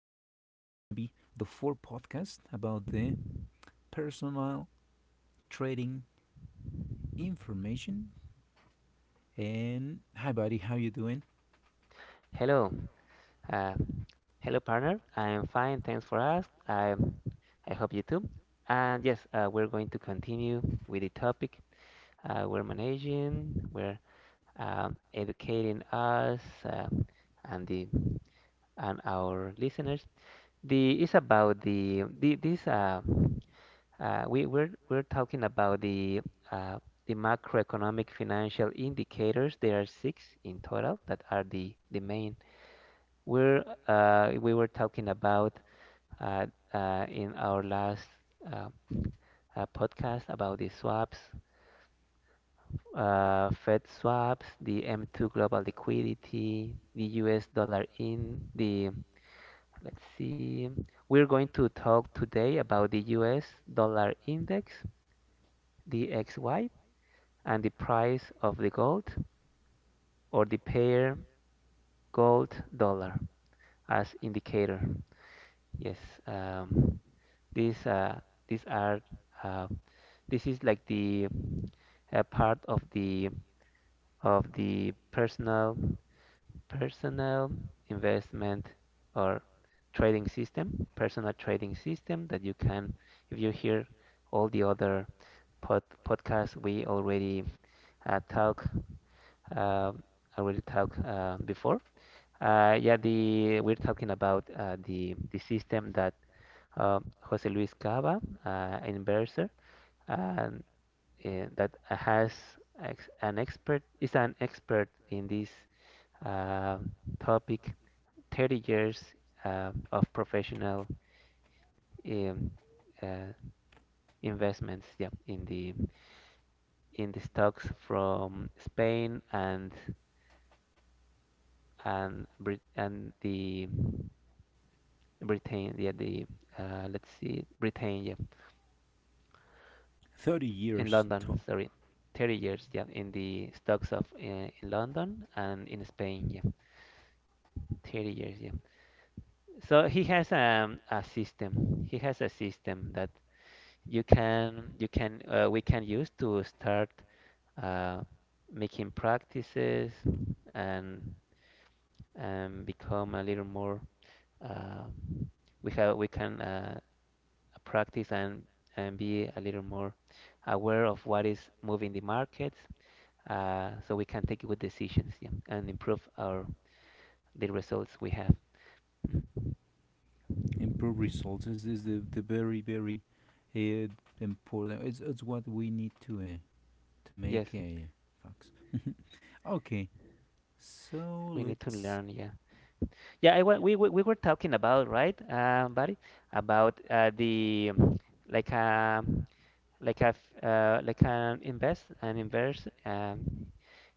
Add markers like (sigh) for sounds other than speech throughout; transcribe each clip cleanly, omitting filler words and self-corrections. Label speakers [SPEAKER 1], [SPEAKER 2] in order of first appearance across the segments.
[SPEAKER 1] gonna be the fourth podcast about the personal trading information. And hi, buddy, how you doing?
[SPEAKER 2] Hello, uh, hello partner. I'm fine, thanks for asking. I hope you too. And yes, we're going to continue with the topic. We're managing, we're educating us and the and our listeners. The it's about the this we, we're talking about uh, the macroeconomic financial indicators. There are six in total that are the main. We were talking about uh, in our last uh, podcast about the swaps, Fed swaps, the M2 global liquidity, the US dollar in, the, let's see, we're going to talk today about the US dollar index, the XY and the price of the gold, or the pair gold dollar as indicator. Yes, um, these uh, these are uh, this is like the part of the personal investment or trading system, personal trading system that you can, if you hear all the other pod, podcasts we uh, talk um, already talked before. Yeah, the we're talking about the system that Jose Luis Cava, an inverser, and that has ex an expert is an expert in this uh, topic. 30 years of professional um, uh, investments, yeah, in the stocks from Spain and and Brit and the Britain, yeah, the let's see, Britain, yeah,
[SPEAKER 1] Thirty
[SPEAKER 2] in
[SPEAKER 1] years
[SPEAKER 2] London,
[SPEAKER 1] tall.
[SPEAKER 2] sorry, 30 years, yeah, in the stocks of in London and in Spain, yeah, 30 years, yeah. So he has a system. He has a system that you can we can use to start uh, making practices and and become a little more. Uh, we can practice and be a little more aware of what is moving the markets, so we can take good decisions, yeah, and improve our the results we have.
[SPEAKER 1] Improve results is the, the very very uh, important. It's what we need to make
[SPEAKER 2] Yes,
[SPEAKER 1] facts. (laughs) Okay, so
[SPEAKER 2] we need to
[SPEAKER 1] let's see.
[SPEAKER 2] learn. Yeah, yeah. I, wa- we were talking about, right, buddy, about the like a like an invest an inverse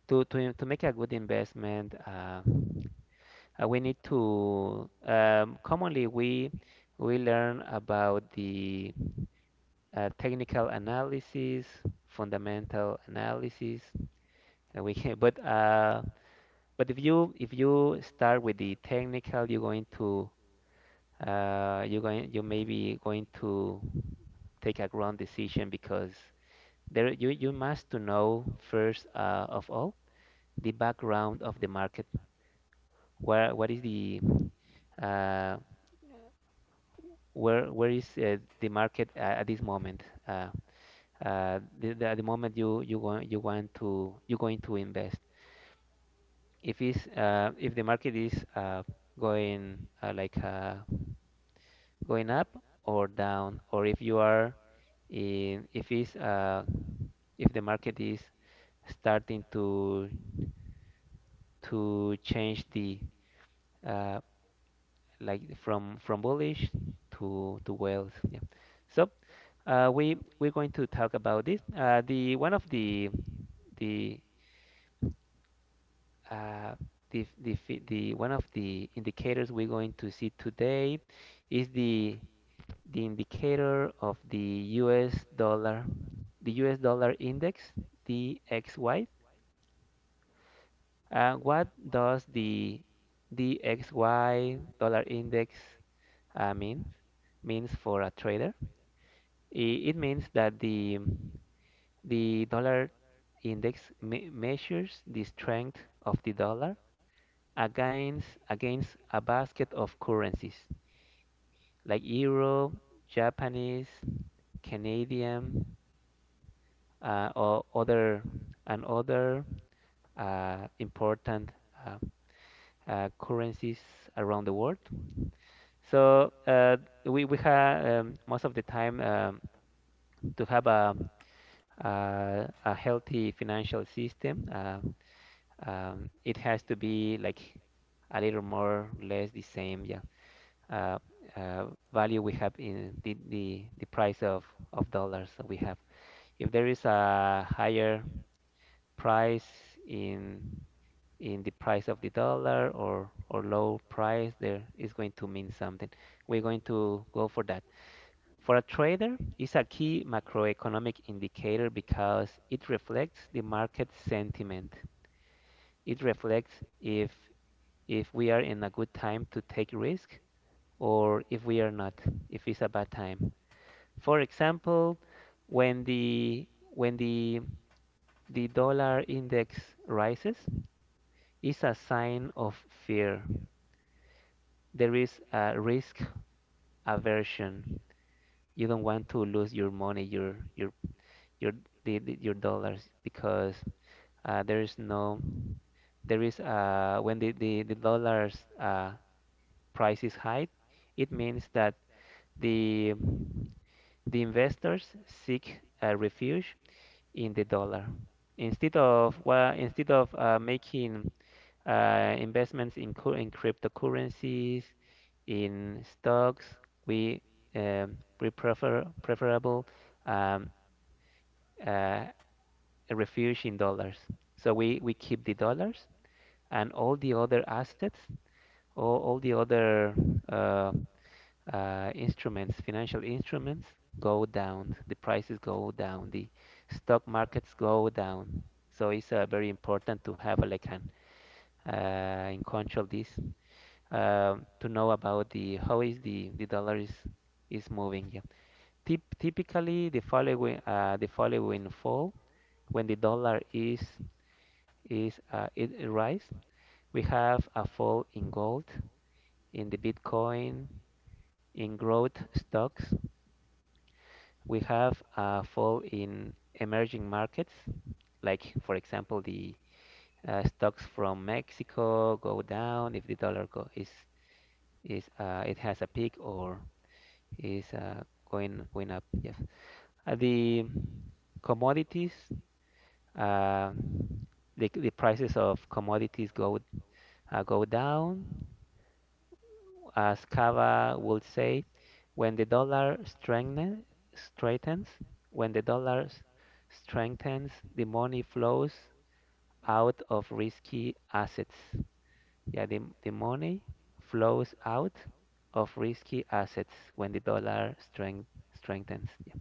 [SPEAKER 2] to make a good investment. We need to Commonly we learn about the technical analysis, fundamental analysis, and we can, (laughs) but if you start with the technical, you're going to you may be going to take a wrong decision because there you must to know first of all the background of the market. Where what is the uh, where is the market at this moment? At the moment you're going to invest. If the market is going uh, like uh, going up or down, or if you are in if it's if the market is starting to change the uh, from bullish to whales. Yeah. So we're going to talk about this. The one of the uh, the fi- The one of the indicators we're going to see today is the indicator of the U.S. dollar, the U.S. dollar index, DXY. What does the DXY dollar index mean? Means for a trader. It means that the dollar index me measures the strength of the dollar against a basket of currencies like euro, Japanese, Canadian, or other and other important uh, currencies around the world. So we have most of the time to have a healthy financial system. It has to be like a little more or less the same, yeah. Uh, uh, Value we have in the price of dollars that we have. If there is a higher price in in the price of the dollar or low price, there is going to mean something. We're going to go for that. For a trader, it's a key macroeconomic indicator because it reflects the market sentiment. It reflects if if we are in a good time to take risk or if we are not, if it's a bad time. For example, when the dollar index rises, it's a sign of fear. There is a risk aversion. You don't want to lose your money, your your dollars because there is no there is when the dollars price is high, it means that The, the investors seek a refuge in the dollar. Instead of Well, instead of making investments in cryptocurrencies, in stocks, we preferable um, uh, a refuge in dollars. So we keep the dollars, and all the other assets, all the other uh, instruments, financial instruments go down, the prices go down, the stock markets go down. So it's very important to have a, like an in control this to know about the how is the dollar is moving. Yeah. Tip. Typically the following fall, when the dollar is it rise, we have a fall in gold, in the Bitcoin, in growth stocks. We have a fall in emerging markets, like for example, the stocks from Mexico go down if the dollar go is it has a peak or is going up. Yes, the commodities, uh, the prices of commodities go down. As Cava would say, when the dollar strengthens, when the dollar strengthens, the money flows out of risky assets. Yeah, the money flows out of risky assets when the dollar strengthens. Yeah.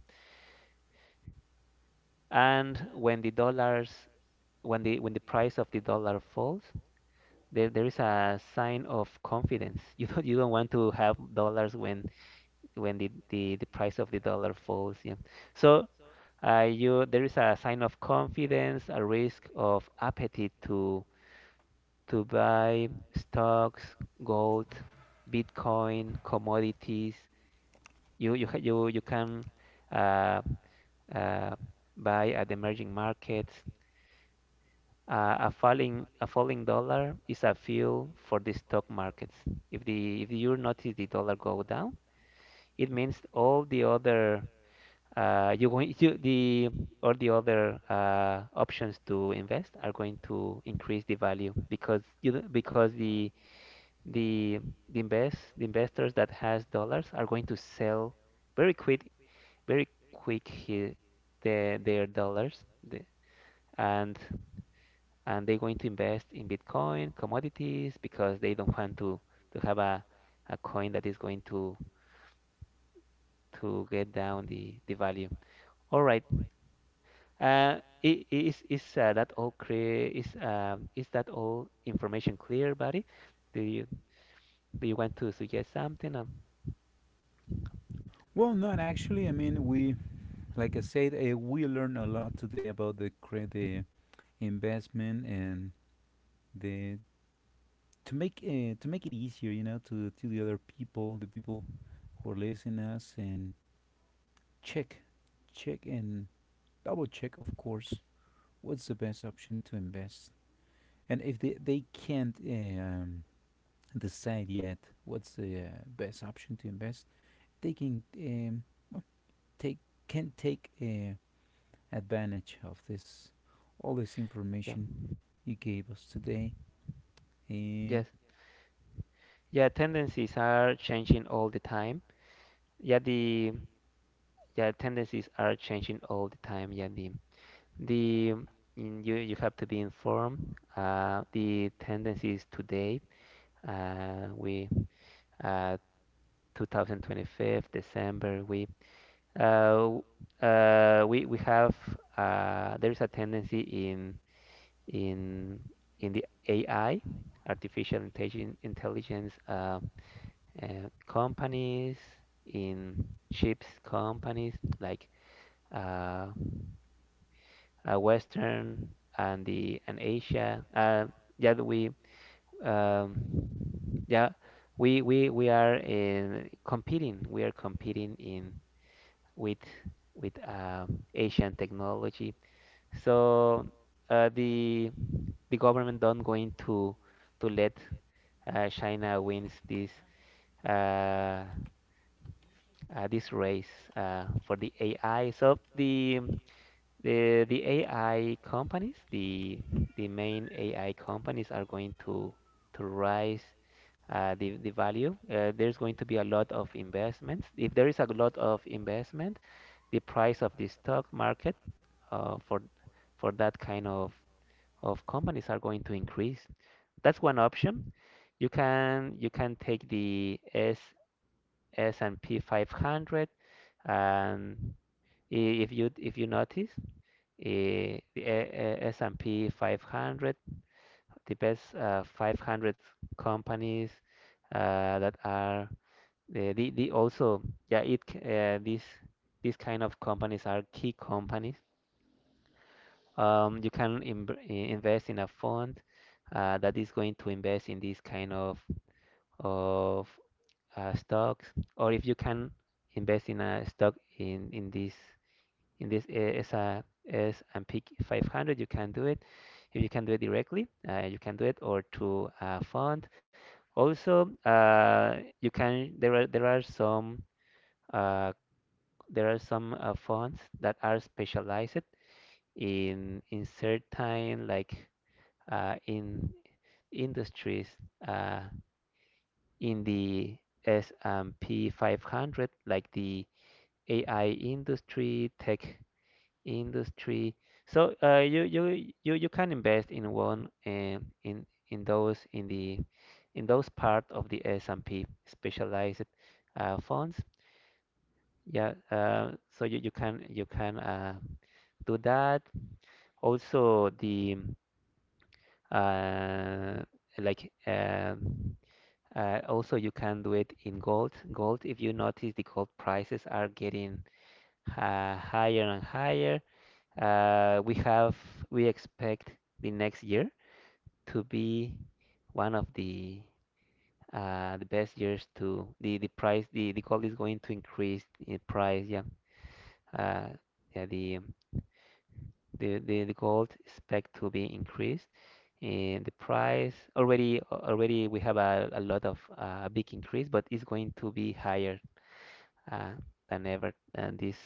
[SPEAKER 2] And when the dollars when the price of the dollar falls, there is a sign of confidence. (laughs) You don't want to have dollars when the price of the dollar falls. Yeah. So you there is a sign of confidence, a risk of appetite to buy stocks, gold, Bitcoin, commodities. You ha- you can uh, uh, buy at emerging markets. A falling dollar is a fuel for the stock markets. If you notice the dollar go down, it means uh, you going you, the all the other options to invest are going to increase the value because you don't- because the the invest the investors that has dollars are going to sell very quick very quick here their dollars, the, and and they're going to invest in Bitcoin, commodities, because they don't want to have a coin that is going to get down the value. All right. Uh, I- is that all clear? Is that all information clear, buddy? Do you do you want to suggest something?
[SPEAKER 1] Well, not actually. I mean, we, like I said, we learned a lot today about the investment and the to make it easier, you know, to the other people, the people who are listening us, and check, check and double check, of course, what's the best option to invest. And if they can't decide yet what's the best option to invest, they can take can take advantage of this all this
[SPEAKER 2] Yeah,
[SPEAKER 1] information you gave us today. Um,
[SPEAKER 2] yes, yeah. Tendencies are changing all the time. Yeah, the yeah tendencies are changing all the time. Yeah, the um, you have to be informed. The tendencies today. We uh 2025 December. Uh, we have There is a tendency in in the AI, artificial intelligence, uh, companies, in chips companies like uh, Western and Asia. Yeah, um, yeah we are in competing. We are competing in with with Asian technology. So uh, the the government don't going to let China wins uh, this race for the AI. So the AI companies, the main AI companies are going to rise the value. There's going to be a lot of investments. If there is a lot of investment, the price of the stock market for that kind of companies are going to increase. That's one option. You can take the S S&P 500, and if you notice the S&P 500, the best 500 companies that are the also yeah it these kind of companies are key companies. You can invest in a fund that is going to invest in this kind of stocks, or if you can invest in a stock in this uh, S&P 500, you can do it. If you can do it directly, you can do it, or through a fund. Also, you can there are some uh, funds that are specialized in certain, like in industries uh, in the S&P 500, like the AI industry, tech industry. So you can invest in one, and in those part of the S&P specialized funds. Yeah, so you can do that. Also the uh, like uh, also, you can do it in gold. Gold, if you notice, the gold prices are getting higher and higher. Uh, we have, we expect the next year to be one of the best years to the price. The gold is going to increase in price. Yeah, uh, yeah. The gold expect to be increased in the price already. We have a lot of big increase, but it's going to be higher uh, than ever this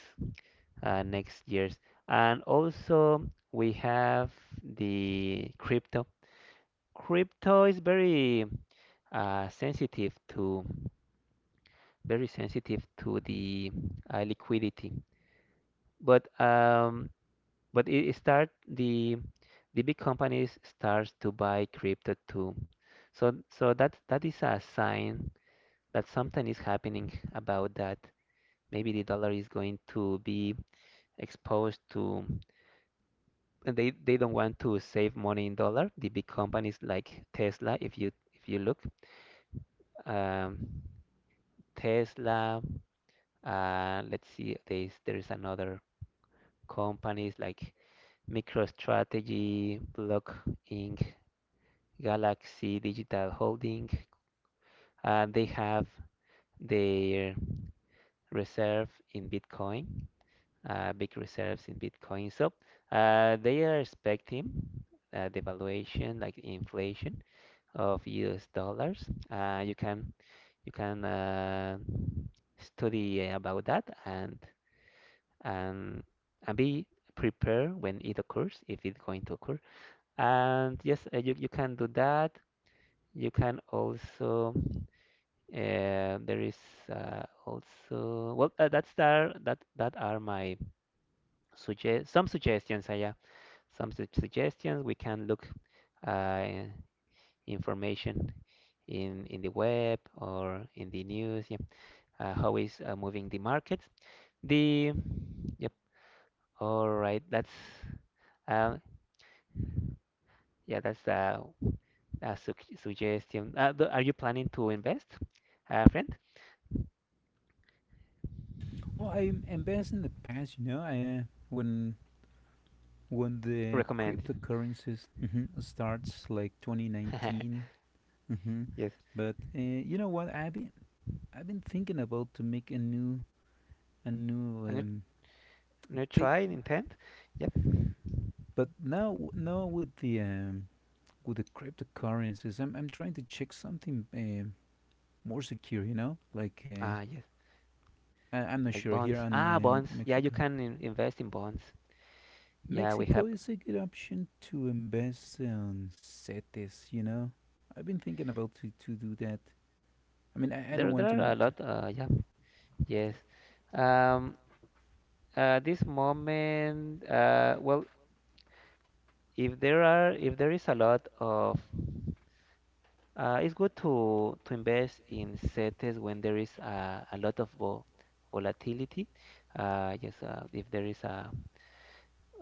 [SPEAKER 2] next years. And also we have the crypto. Crypto is very uh, sensitive to sensitive to the liquidity. But um, but it start, the big companies starts to buy crypto too. So that is a sign that something is happening about that. Maybe the dollar is going to be exposed to, and they don't want to save money in dollar. The big companies like Tesla, if you look, um, Tesla, let's see, there's another companies like MicroStrategy, Block Inc., Galaxy Digital Holding. They have their reserve in Bitcoin, big reserves in Bitcoin. So they are expecting devaluation, like inflation, of US dollars. You can you can uh, study about that, and and be prepared when it occurs, if it's going to occur. And yes, you can do that. You can also there is also well that's there that are my suggest some suggestions. Yeah, suggestions, we can look uh, information in the web or in the news. Yeah, how is moving the market? The Yep. All right, that's uh, yeah, that's uh, a su suggestion. Are you planning to invest, friend?
[SPEAKER 1] well, I'm embarrassed in the past, you know, I, when the
[SPEAKER 2] Recommend.
[SPEAKER 1] cryptocurrencies mhm, starts like
[SPEAKER 2] (laughs)
[SPEAKER 1] 2019. Mhm.
[SPEAKER 2] Yes,
[SPEAKER 1] But you know what? I've been thinking about to make a new a new
[SPEAKER 2] and you,
[SPEAKER 1] um,
[SPEAKER 2] and you try
[SPEAKER 1] take,
[SPEAKER 2] and intent. Yep.
[SPEAKER 1] but now with the with the cryptocurrencies, I'm trying to check something more secure, you know? Like,
[SPEAKER 2] Ah, yes,
[SPEAKER 1] I, I'm not
[SPEAKER 2] like
[SPEAKER 1] sure here
[SPEAKER 2] bonds.
[SPEAKER 1] on
[SPEAKER 2] Ah, bonds. Yeah, you
[SPEAKER 1] Mexico.
[SPEAKER 2] can in invest in bonds. Yeah, we
[SPEAKER 1] Mexico
[SPEAKER 2] have.
[SPEAKER 1] is a good option to invest on CETES, you know? I've been thinking about to do that. I mean, I don't
[SPEAKER 2] There
[SPEAKER 1] want to,
[SPEAKER 2] are a
[SPEAKER 1] m- to
[SPEAKER 2] lot. Yeah. Yes. Um, this moment, well, if there is a lot of, it's good to invest in CETES when there is a lot of volatility. Yes, if there is a,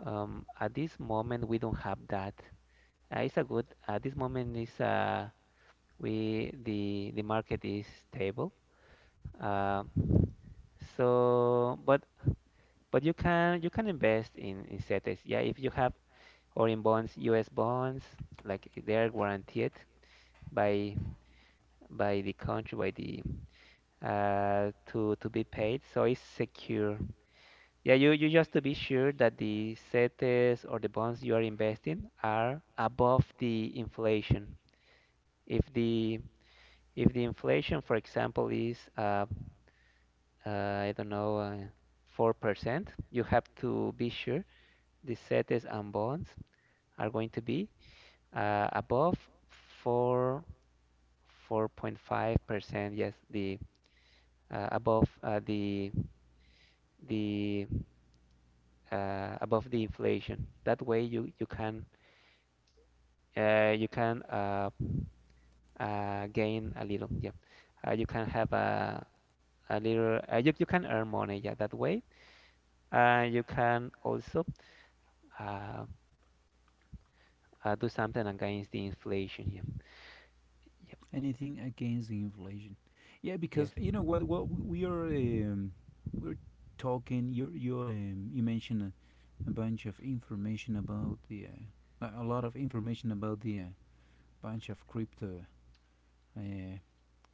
[SPEAKER 2] at this moment we don't have that. It's a good. At this moment is, we the market is stable. Uh, so, but you can invest in CETES. Yeah, if you have foreign bonds, U.S. bonds, like they are guaranteed by the country, by the to be paid, so it's secure. Yeah, you just to be sure that the CETES or the bonds you are investing are above the inflation. If the inflation, for example, is I don't know, 4%, you have to be sure the CETES and bonds are going to be above 4 4.5%, yes, the above, the the above the inflation. That way, you can, uh, you can uh, gain a little, yeah. You can have a little, you can earn money, yeah, that way. You can also uh, do something against the inflation, yeah. Yep,
[SPEAKER 1] anything against the inflation. Yeah, because
[SPEAKER 2] yes,
[SPEAKER 1] you know what? We're talking. You you mentioned a bunch of information about the a lot of information about the bunch of crypto uh,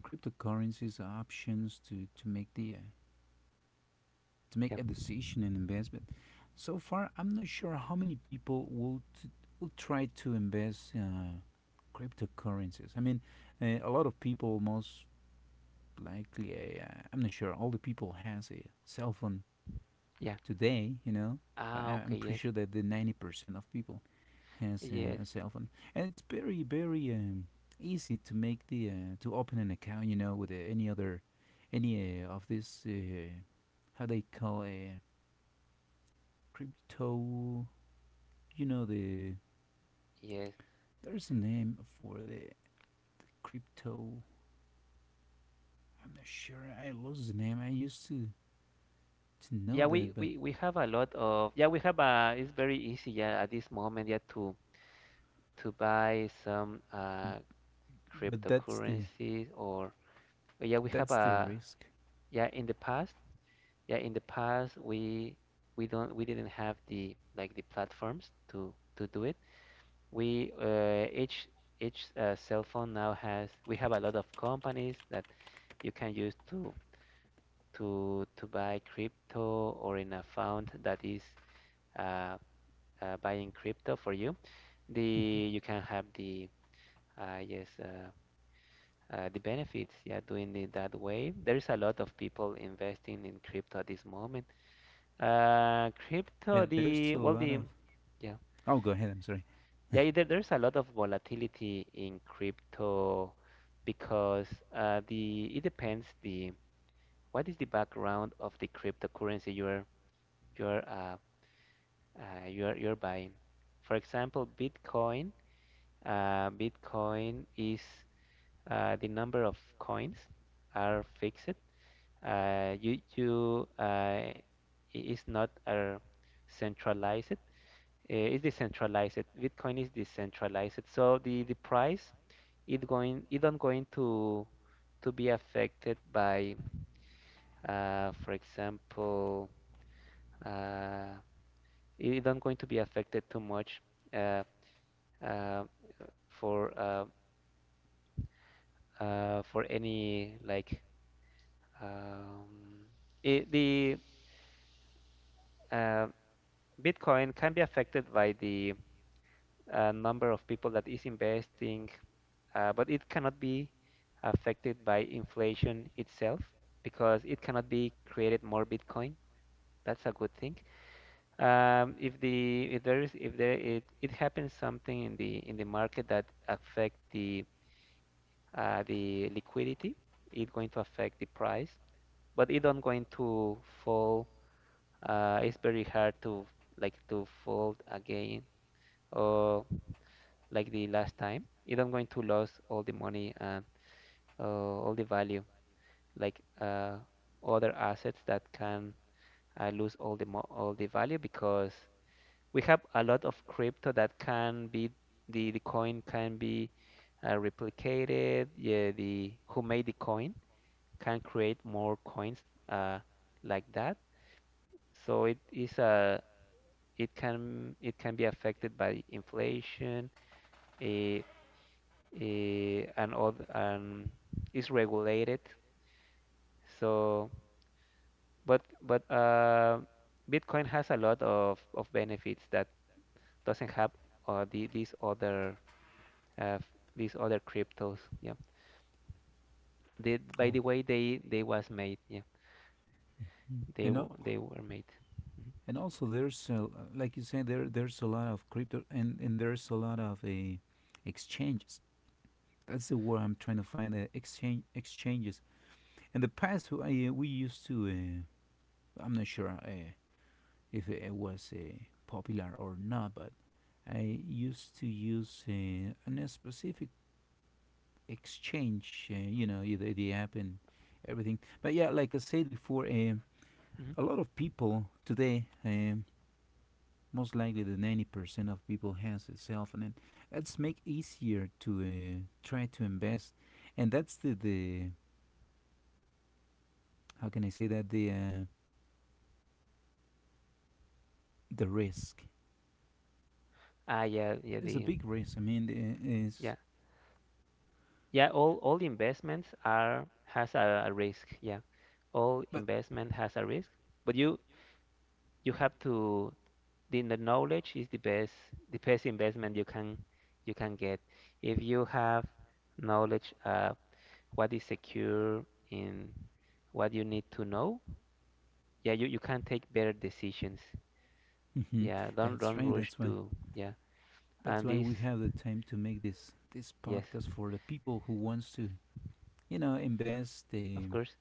[SPEAKER 1] cryptocurrencies are options to make the to make
[SPEAKER 2] yep,
[SPEAKER 1] a decision in investment. So far, I'm not sure how many people will try to invest cryptocurrencies. I mean, a lot of people most likely. I'm not sure all the people has a cell phone
[SPEAKER 2] yeah.
[SPEAKER 1] today, you know,
[SPEAKER 2] Ah,
[SPEAKER 1] I-
[SPEAKER 2] okay,
[SPEAKER 1] am pretty
[SPEAKER 2] yes,
[SPEAKER 1] sure that the 90% of people has
[SPEAKER 2] yes,
[SPEAKER 1] a cell phone, and it's very, very easy to make the to open an account, you know, with any other, any of this, how they call a crypto, you know, the
[SPEAKER 2] yes.
[SPEAKER 1] there's a name for the crypto. I'm not sure. I lost the name. I used to
[SPEAKER 2] Yeah,
[SPEAKER 1] know
[SPEAKER 2] we,
[SPEAKER 1] that,
[SPEAKER 2] we, we have a lot of, yeah, we have a it's very easy, yeah, at this moment, yeah, to buy some
[SPEAKER 1] but that's the
[SPEAKER 2] cryptocurrencies, or yeah we have
[SPEAKER 1] That's the
[SPEAKER 2] a
[SPEAKER 1] risk.
[SPEAKER 2] yeah, in the past, yeah, in the past, we didn't have the, like, the platforms to do it. We Each cell phone now has, we have a lot of companies that you can use to buy crypto, or in a fund that is Uh, buying crypto for you. The You can have the uh, yes uh, the benefits. Yeah, doing it that way. There is a lot of people investing in crypto at this moment. Crypto
[SPEAKER 1] And there's a
[SPEAKER 2] the well
[SPEAKER 1] lot
[SPEAKER 2] the
[SPEAKER 1] of.
[SPEAKER 2] Yeah,
[SPEAKER 1] Oh, go ahead. I'm sorry.
[SPEAKER 2] yeah, there's a lot of volatility in crypto because, the it depends, the what is the background of the cryptocurrency you're you're uh, you're buying. For example, Bitcoin. Bitcoin is, the number of coins are fixed. You it's not, centralized. It's decentralized. Bitcoin is decentralized. So the price, it going, it don't going to be affected by, for example, uh, it don't going to be affected too much, uh, uh, for, for any, like, Um, the, uh, Bitcoin can be affected by the, number of people that is investing, but it cannot be affected by inflation itself, because it cannot be created more Bitcoin. That's a good thing. If the, if there is if there it, it happens something in the market that affect the, the liquidity, it's going to affect the price, but it don't going to fall, it's very hard to, like, to fold again, or like the last time, if I'm going to lose all the money, and all the value, like, other assets that can, lose all the all the value, because we have a lot of crypto that can be, the coin can be, replicated, yeah, the who made the coin can create more coins, uh, like that. So it is a, it can, it can be affected by inflation, eh, and all, and is regulated, so. But Bitcoin has a lot of benefits that doesn't have, the, these other, uh, f- these other cryptos, yeah, they, by the
[SPEAKER 1] Oh.
[SPEAKER 2] way they was made, yeah,
[SPEAKER 1] Mm, you know,
[SPEAKER 2] they were made. Mhm.
[SPEAKER 1] and also there's a, like you said there there's a lot of crypto and there's a lot of exchanges. That's the word I'm trying to find. Exchanges. In the past, who- I, we used to. I'm not sure if it was popular or not, but I used to use a specific exchange, you know, the app and everything. But yeah, like I said before,
[SPEAKER 2] Mhm.
[SPEAKER 1] a lot of people today, most likely the 90% of people has a cell phone, and it's make easier to try to invest, and that's the how can I say that the risk.
[SPEAKER 2] ah yeah yeah
[SPEAKER 1] It's a
[SPEAKER 2] the
[SPEAKER 1] big risk. I mean, is
[SPEAKER 2] yeah Yeah, all investments are has a risk. Yeah, all
[SPEAKER 1] but
[SPEAKER 2] investment has a risk, but you have to, the knowledge is the best, the best investment you can get. If you have knowledge, what is secure, in what you need to know, yeah, you can take better decisions.
[SPEAKER 1] hmm.
[SPEAKER 2] Yeah, don't
[SPEAKER 1] That's right.
[SPEAKER 2] rush
[SPEAKER 1] That's why.
[SPEAKER 2] to. Yeah.
[SPEAKER 1] That's
[SPEAKER 2] And
[SPEAKER 1] why
[SPEAKER 2] this.
[SPEAKER 1] we have the time to make this this
[SPEAKER 2] Yes,
[SPEAKER 1] podcast for the people who wants to, you know, invest.
[SPEAKER 2] of course.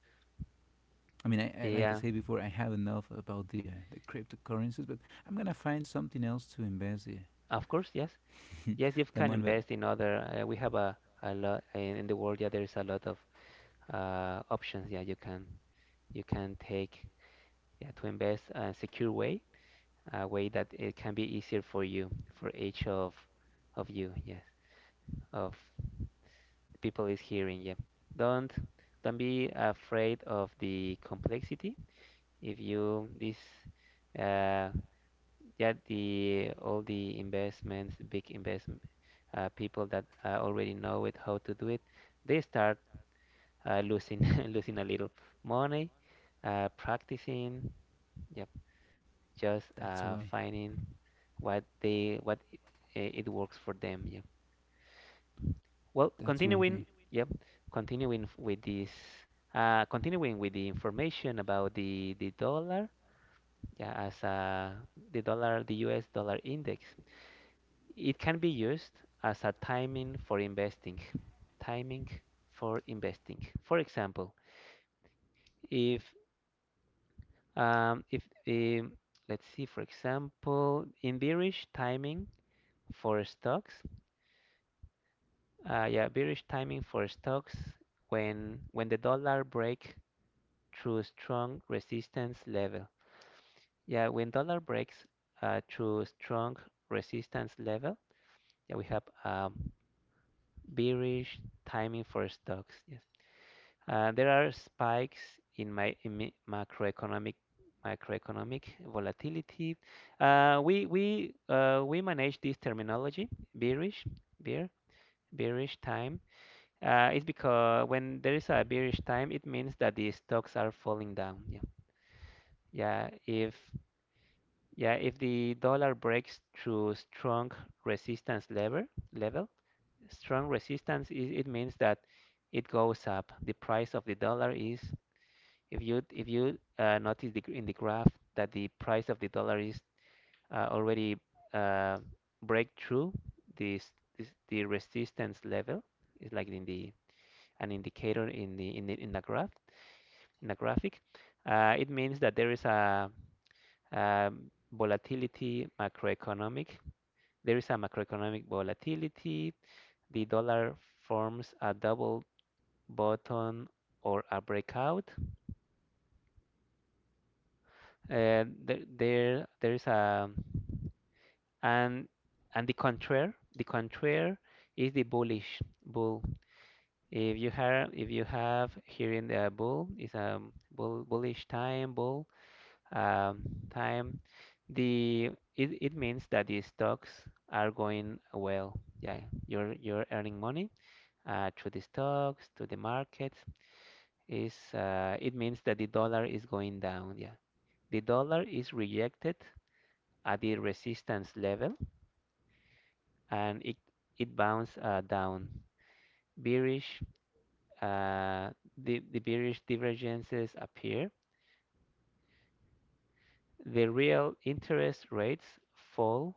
[SPEAKER 1] I mean, I, like I
[SPEAKER 2] Yeah,
[SPEAKER 1] said before, I have enough about the cryptocurrencies, but I'm gonna find something else to invest
[SPEAKER 2] of course, yes. Yes, you
[SPEAKER 1] (laughs) the
[SPEAKER 2] can
[SPEAKER 1] money. But
[SPEAKER 2] invest in other. We have a lot in the world. Yeah, there is a lot of, options. Yeah, you can take, yeah, to invest a secure way, a way that it can be easier for you, for each of you. Yes, of the people is hearing. Yeah, don't be afraid of the complexity. If you this, uh, yeah, the all the investments, big investment, people that, already know it, how to do it, they start, losing, (laughs) losing a little money, practicing, yep, just,
[SPEAKER 1] that's the way.
[SPEAKER 2] finding what they, what it works for them. Yeah. Well,
[SPEAKER 1] That's the way. They,
[SPEAKER 2] continuing, yep, continuing with this, continuing with the information about the dollar, yeah, as, the dollar, the U.S. dollar index. It can be used as a timing for investing. Timing for investing. For example, if if um, let's see, for example, in bearish timing for stocks, yeah, bearish timing for stocks, when the dollar break through strong resistance level. Yeah, when dollar breaks, through strong resistance level, yeah, we have, bearish timing for stocks. Yeah. There are spikes in, macroeconomic macroeconomic volatility. We we manage this terminology, bearish, bear bearish time. It's because when there is a bearish time, it means that the stocks are falling down. Yeah, yeah. If, yeah, if the dollar breaks through strong resistance level, strong resistance is, it means that it goes up. The price of the dollar is. If you notice the, in the graph, that the price of the dollar is, already uh, break through this, this the resistance level, it's like in the, an indicator in the, in the graph in the graphic. It means that there is a volatility macroeconomic. There is a macroeconomic volatility. The dollar forms a double bottom or a breakout. There is a, and the contraire, is the bullish, bull if you have, here in the bull, is a bull, bullish time bull um, time, the, it means that the stocks are going well, yeah, you're earning money, through the stocks to the markets, is, it means that the dollar is going down, yeah, the dollar is rejected at the resistance level, and it bounds, down. Bearish, uh, the bearish divergences appear. The real interest rates fall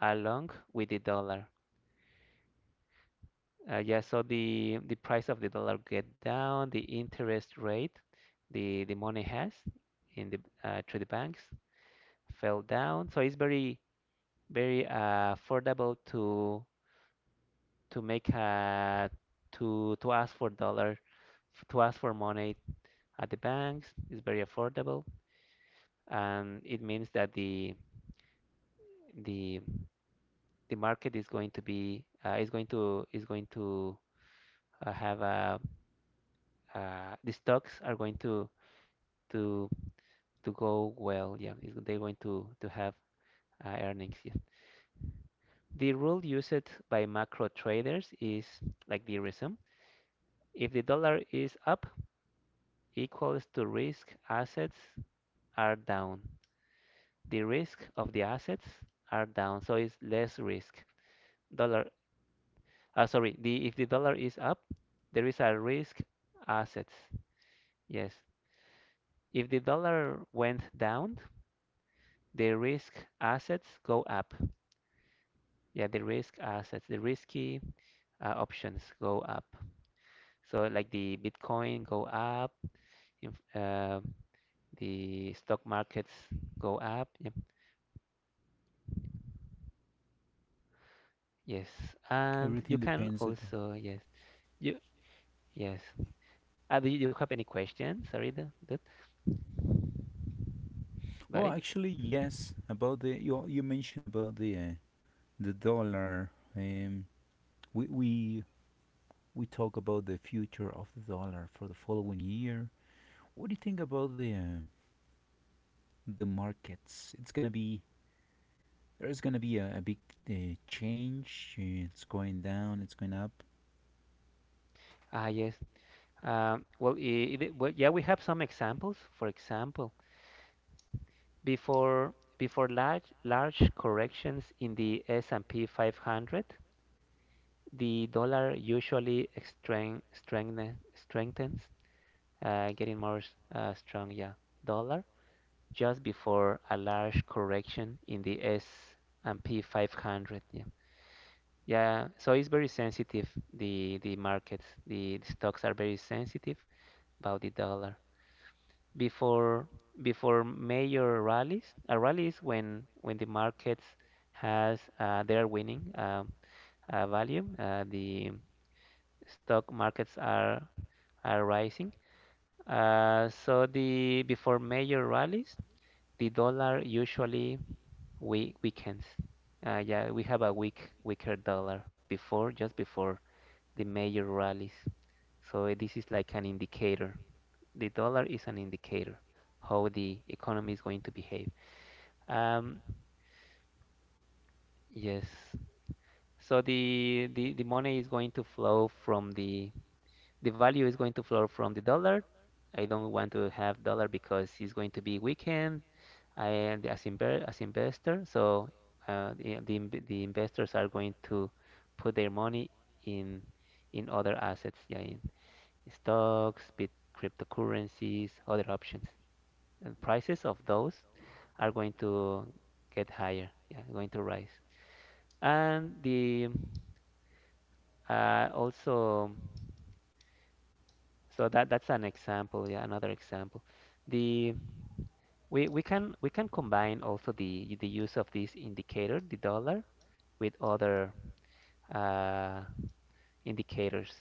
[SPEAKER 2] along with the dollar. Yeah, so the price of the dollar get down, the interest rate, the money has in the through the banks fell down. So it's very very affordable to make a to ask for dollar to ask for money at the banks. It's very affordable, and it means that the the market is going to be is going to have a the stocks are going to to go well. Yeah, it's, they're going to have earnings. Yeah. The rule used by macro traders is like the reason. If the dollar is up, equals to risk assets are down. The risk of the assets are down, so it's less risk. Dollar sorry, the if the dollar is up, there is a risk assets. Yes. If the dollar went down, the risk assets go up. Yeah, the risk assets, the risky options go up. So like the Bitcoin go up, inf the stock markets go up. Yep. Yes. And you
[SPEAKER 1] everything
[SPEAKER 2] can
[SPEAKER 1] depends. At, all.
[SPEAKER 2] also, yes. You yes. Do you have any questions, sorry, the about
[SPEAKER 1] Well,
[SPEAKER 2] it?
[SPEAKER 1] actually, yes. About the you you mentioned about the dollar. Um, we we talk about the future of the dollar for the following year. What do you think about the markets. It's gonna be there's gonna be a big change. It's going down. It's going up.
[SPEAKER 2] Ah, yes. Well, we have some examples. For example, before large corrections in the S&P 500, the dollar usually strengthens, getting more strong, yeah, dollar just before a large correction in the S&P 500. Yeah, yeah. So it's very sensitive. The markets, the stocks are very sensitive about the dollar. before before major rallies. A rally is when the markets has they are winning value. The stock markets are rising. So the before major rallies, the dollar usually we weakens. Yeah, we have a weaker dollar before just before the major rallies. So this is like an indicator. The dollar is an indicator how the economy is going to behave. Um, yes. So the money is going to flow from the value is going to flow from the dollar. I don't want to have dollar because it's going to be weakened. I as inver as investor, so the investors are going to put their money in in other assets. Yeah, in stocks, bit cryptocurrencies, other options. And prices of those are going to get higher, yeah, going to rise. And the also, so that that's an example, yeah, another example. The we can combine also the use of this indicator, the dollar, with other uh, indicators.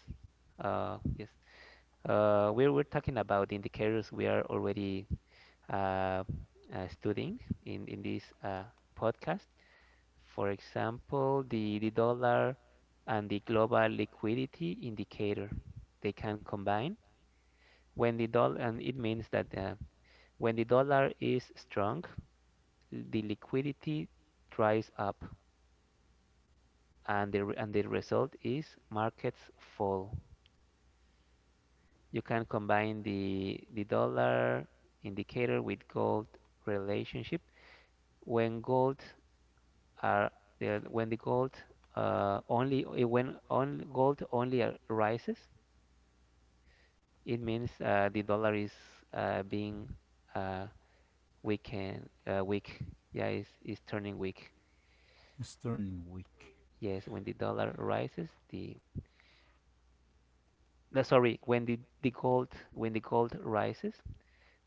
[SPEAKER 2] Uh, yes, we're talking about the indicators we are already uh, studying in this podcast. For example, the dollar and the global liquidity indicator, they can combine. When the dollar, and it means that when the dollar is strong, the liquidity dries up and the result is markets fall. You can combine the dollar indicator with gold relationship. When gold are when the gold only when on gold only rises, it means the dollar is being uh, weak. Yeah, is turning weak.
[SPEAKER 1] It's turning weak.
[SPEAKER 2] Yes, when the dollar rises, the no, sorry, when the gold when the gold rises,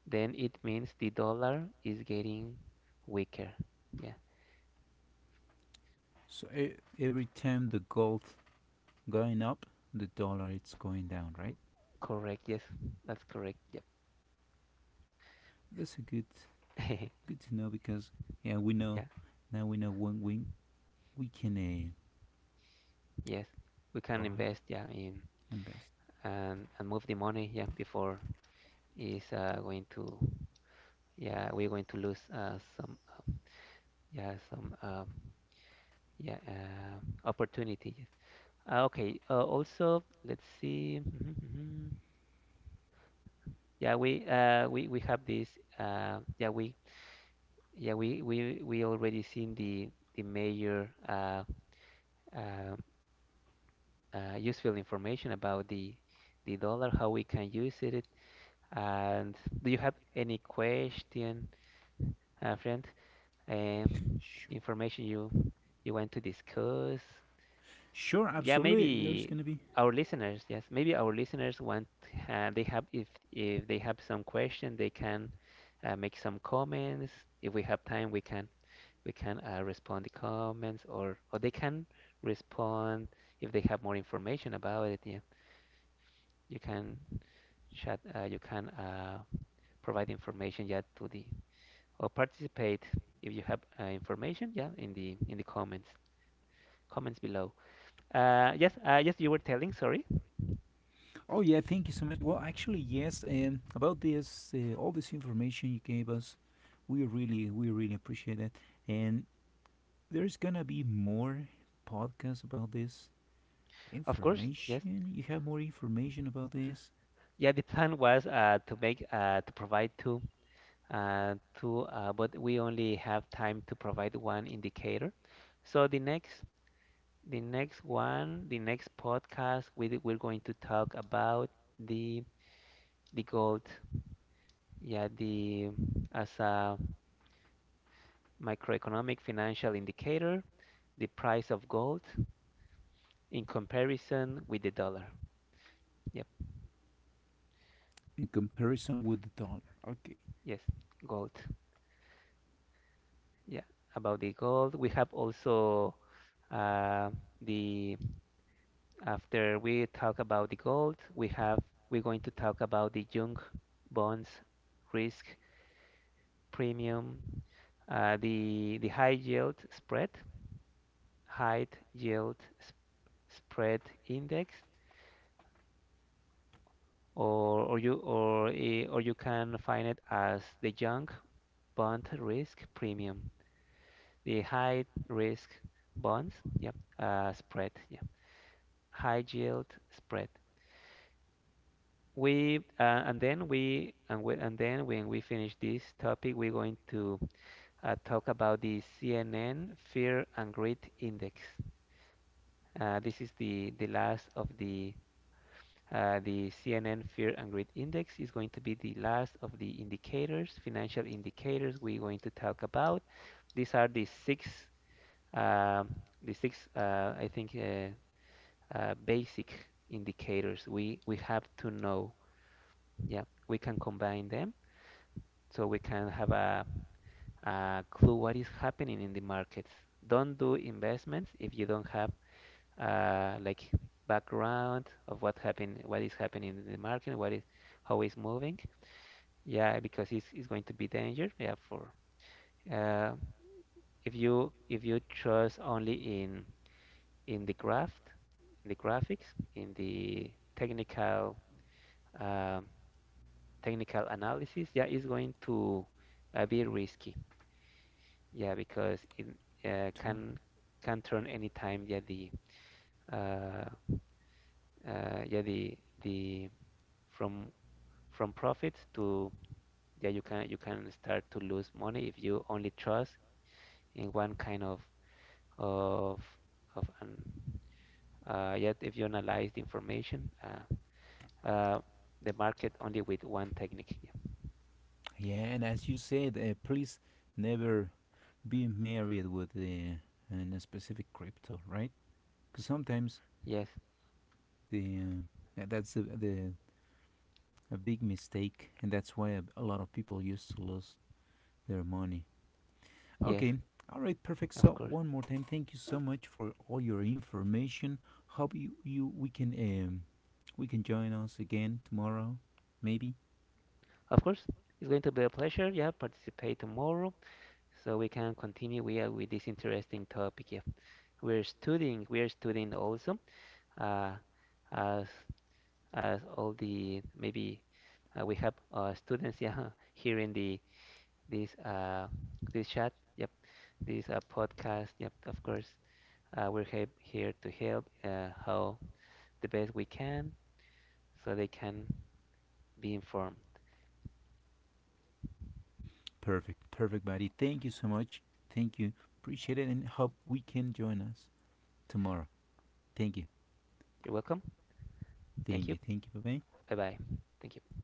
[SPEAKER 2] then it means the dollar is getting weaker. Yeah,
[SPEAKER 1] So e- every time the gold going up, the dollar it's going down. Right?
[SPEAKER 2] correct. Yes, that's correct. Yep.
[SPEAKER 1] That's a good
[SPEAKER 2] (laughs)
[SPEAKER 1] good to know because yeah we know
[SPEAKER 2] Yeah,
[SPEAKER 1] now we know when we can
[SPEAKER 2] yes. We can
[SPEAKER 1] buy
[SPEAKER 2] invest, yeah, in
[SPEAKER 1] invest.
[SPEAKER 2] and move the money yeah before is going to yeah we're going to lose some yeah opportunities okay also let's see mhm, mhm. Yeah we have this yeah we yeah we already seen the major uh, useful information about the dollar how we can use it and do you have any question friend uh,
[SPEAKER 1] Sure.
[SPEAKER 2] information you you want to discuss.
[SPEAKER 1] Sure,
[SPEAKER 2] Yeah,
[SPEAKER 1] absolutely. There's
[SPEAKER 2] maybe
[SPEAKER 1] going to be.
[SPEAKER 2] our listeners, yes, maybe our listeners want they have if they have some question, they can make some comments. If we have time, we can respond the comments or they can respond if they have more information about it. Yeah, you can chat. You can provide information. Yeah, to the or participate if you have information. Yeah, in the comments. Comments below. Yes, you were telling. Sorry.
[SPEAKER 1] Oh yeah, thank you so much. Well, actually, yes. About this, all this information you gave us, we really appreciate that. And there's gonna be more podcasts about this
[SPEAKER 2] Of course. Yes.
[SPEAKER 1] information. You have more information about this
[SPEAKER 2] Yeah, the plan was to provide two, two, but we only have time to provide one indicator. So the next one, the next podcast, we're going to talk about the gold. Yeah, the as a microeconomic financial indicator, the price of gold in comparison with the dollar. Yep.
[SPEAKER 1] in comparison with the dollar. Okay.
[SPEAKER 2] Yes, gold. Yeah, about the gold. We have also uh, the after we talk about the gold, we have we're going to talk about the junk bonds risk premium, the high yield spread, high yield sp spread index, or you can find it as the junk bond risk premium, the high risk bonds, yep, spread, yeah. High yield spread. We and then we, and then when we finish this topic, we're going to talk about the CNN Fear and Greed Index. This is the last of the CNN Fear and Greed Index is going to be the last of the indicators, financial indicators we're going to talk about. These are um, the six, I think, basic indicators we have to know. Yeah, we can combine them so we can have a clue what is happening in the markets. Don't do investments if you don't have like background of what happened, what is happening in the market, what is how it's moving. Yeah, because it's going to be danger. Yeah, for uh, if you trust only in the graph, in the graphics, in the technical um, technical analysis, yeah, it's going to be risky. Yeah, because it uh,
[SPEAKER 1] Total.
[SPEAKER 2] can can turn anytime. Uh, yeah the from from profits to yeah you can start to lose money if you only trust in one kind of of an yet if you analyze the information uh, the market only with one technique. Yeah.
[SPEAKER 1] Yeah, and as you said, please never be married with the an specific crypto, right? Because sometimes
[SPEAKER 2] Yes,
[SPEAKER 1] the tha- that's a, the a big mistake, and that's why a lot of people used to lose their money.
[SPEAKER 2] yes,
[SPEAKER 1] Okay, all right, perfect.
[SPEAKER 2] of
[SPEAKER 1] So
[SPEAKER 2] course,
[SPEAKER 1] one more time, thank you so much for all your information. Hope you, you we can join us again tomorrow, maybe.
[SPEAKER 2] of course. It's going to be a pleasure. Yeah, participate tomorrow. So we can continue with this interesting topic. Yeah. We're studying also uh, as as all the maybe we have students (laughs) yeah here in the this this chat. Yep, this podcast. Yep, of course. We're he here to help how the best we can so they can be informed.
[SPEAKER 1] Perfect, perfect, buddy. Thank you so much. Thank you, appreciate it, and hope we can join us tomorrow. Thank you,
[SPEAKER 2] You're welcome. Thank you.
[SPEAKER 1] thank you. Bye bye.
[SPEAKER 2] Bye bye. Thank you.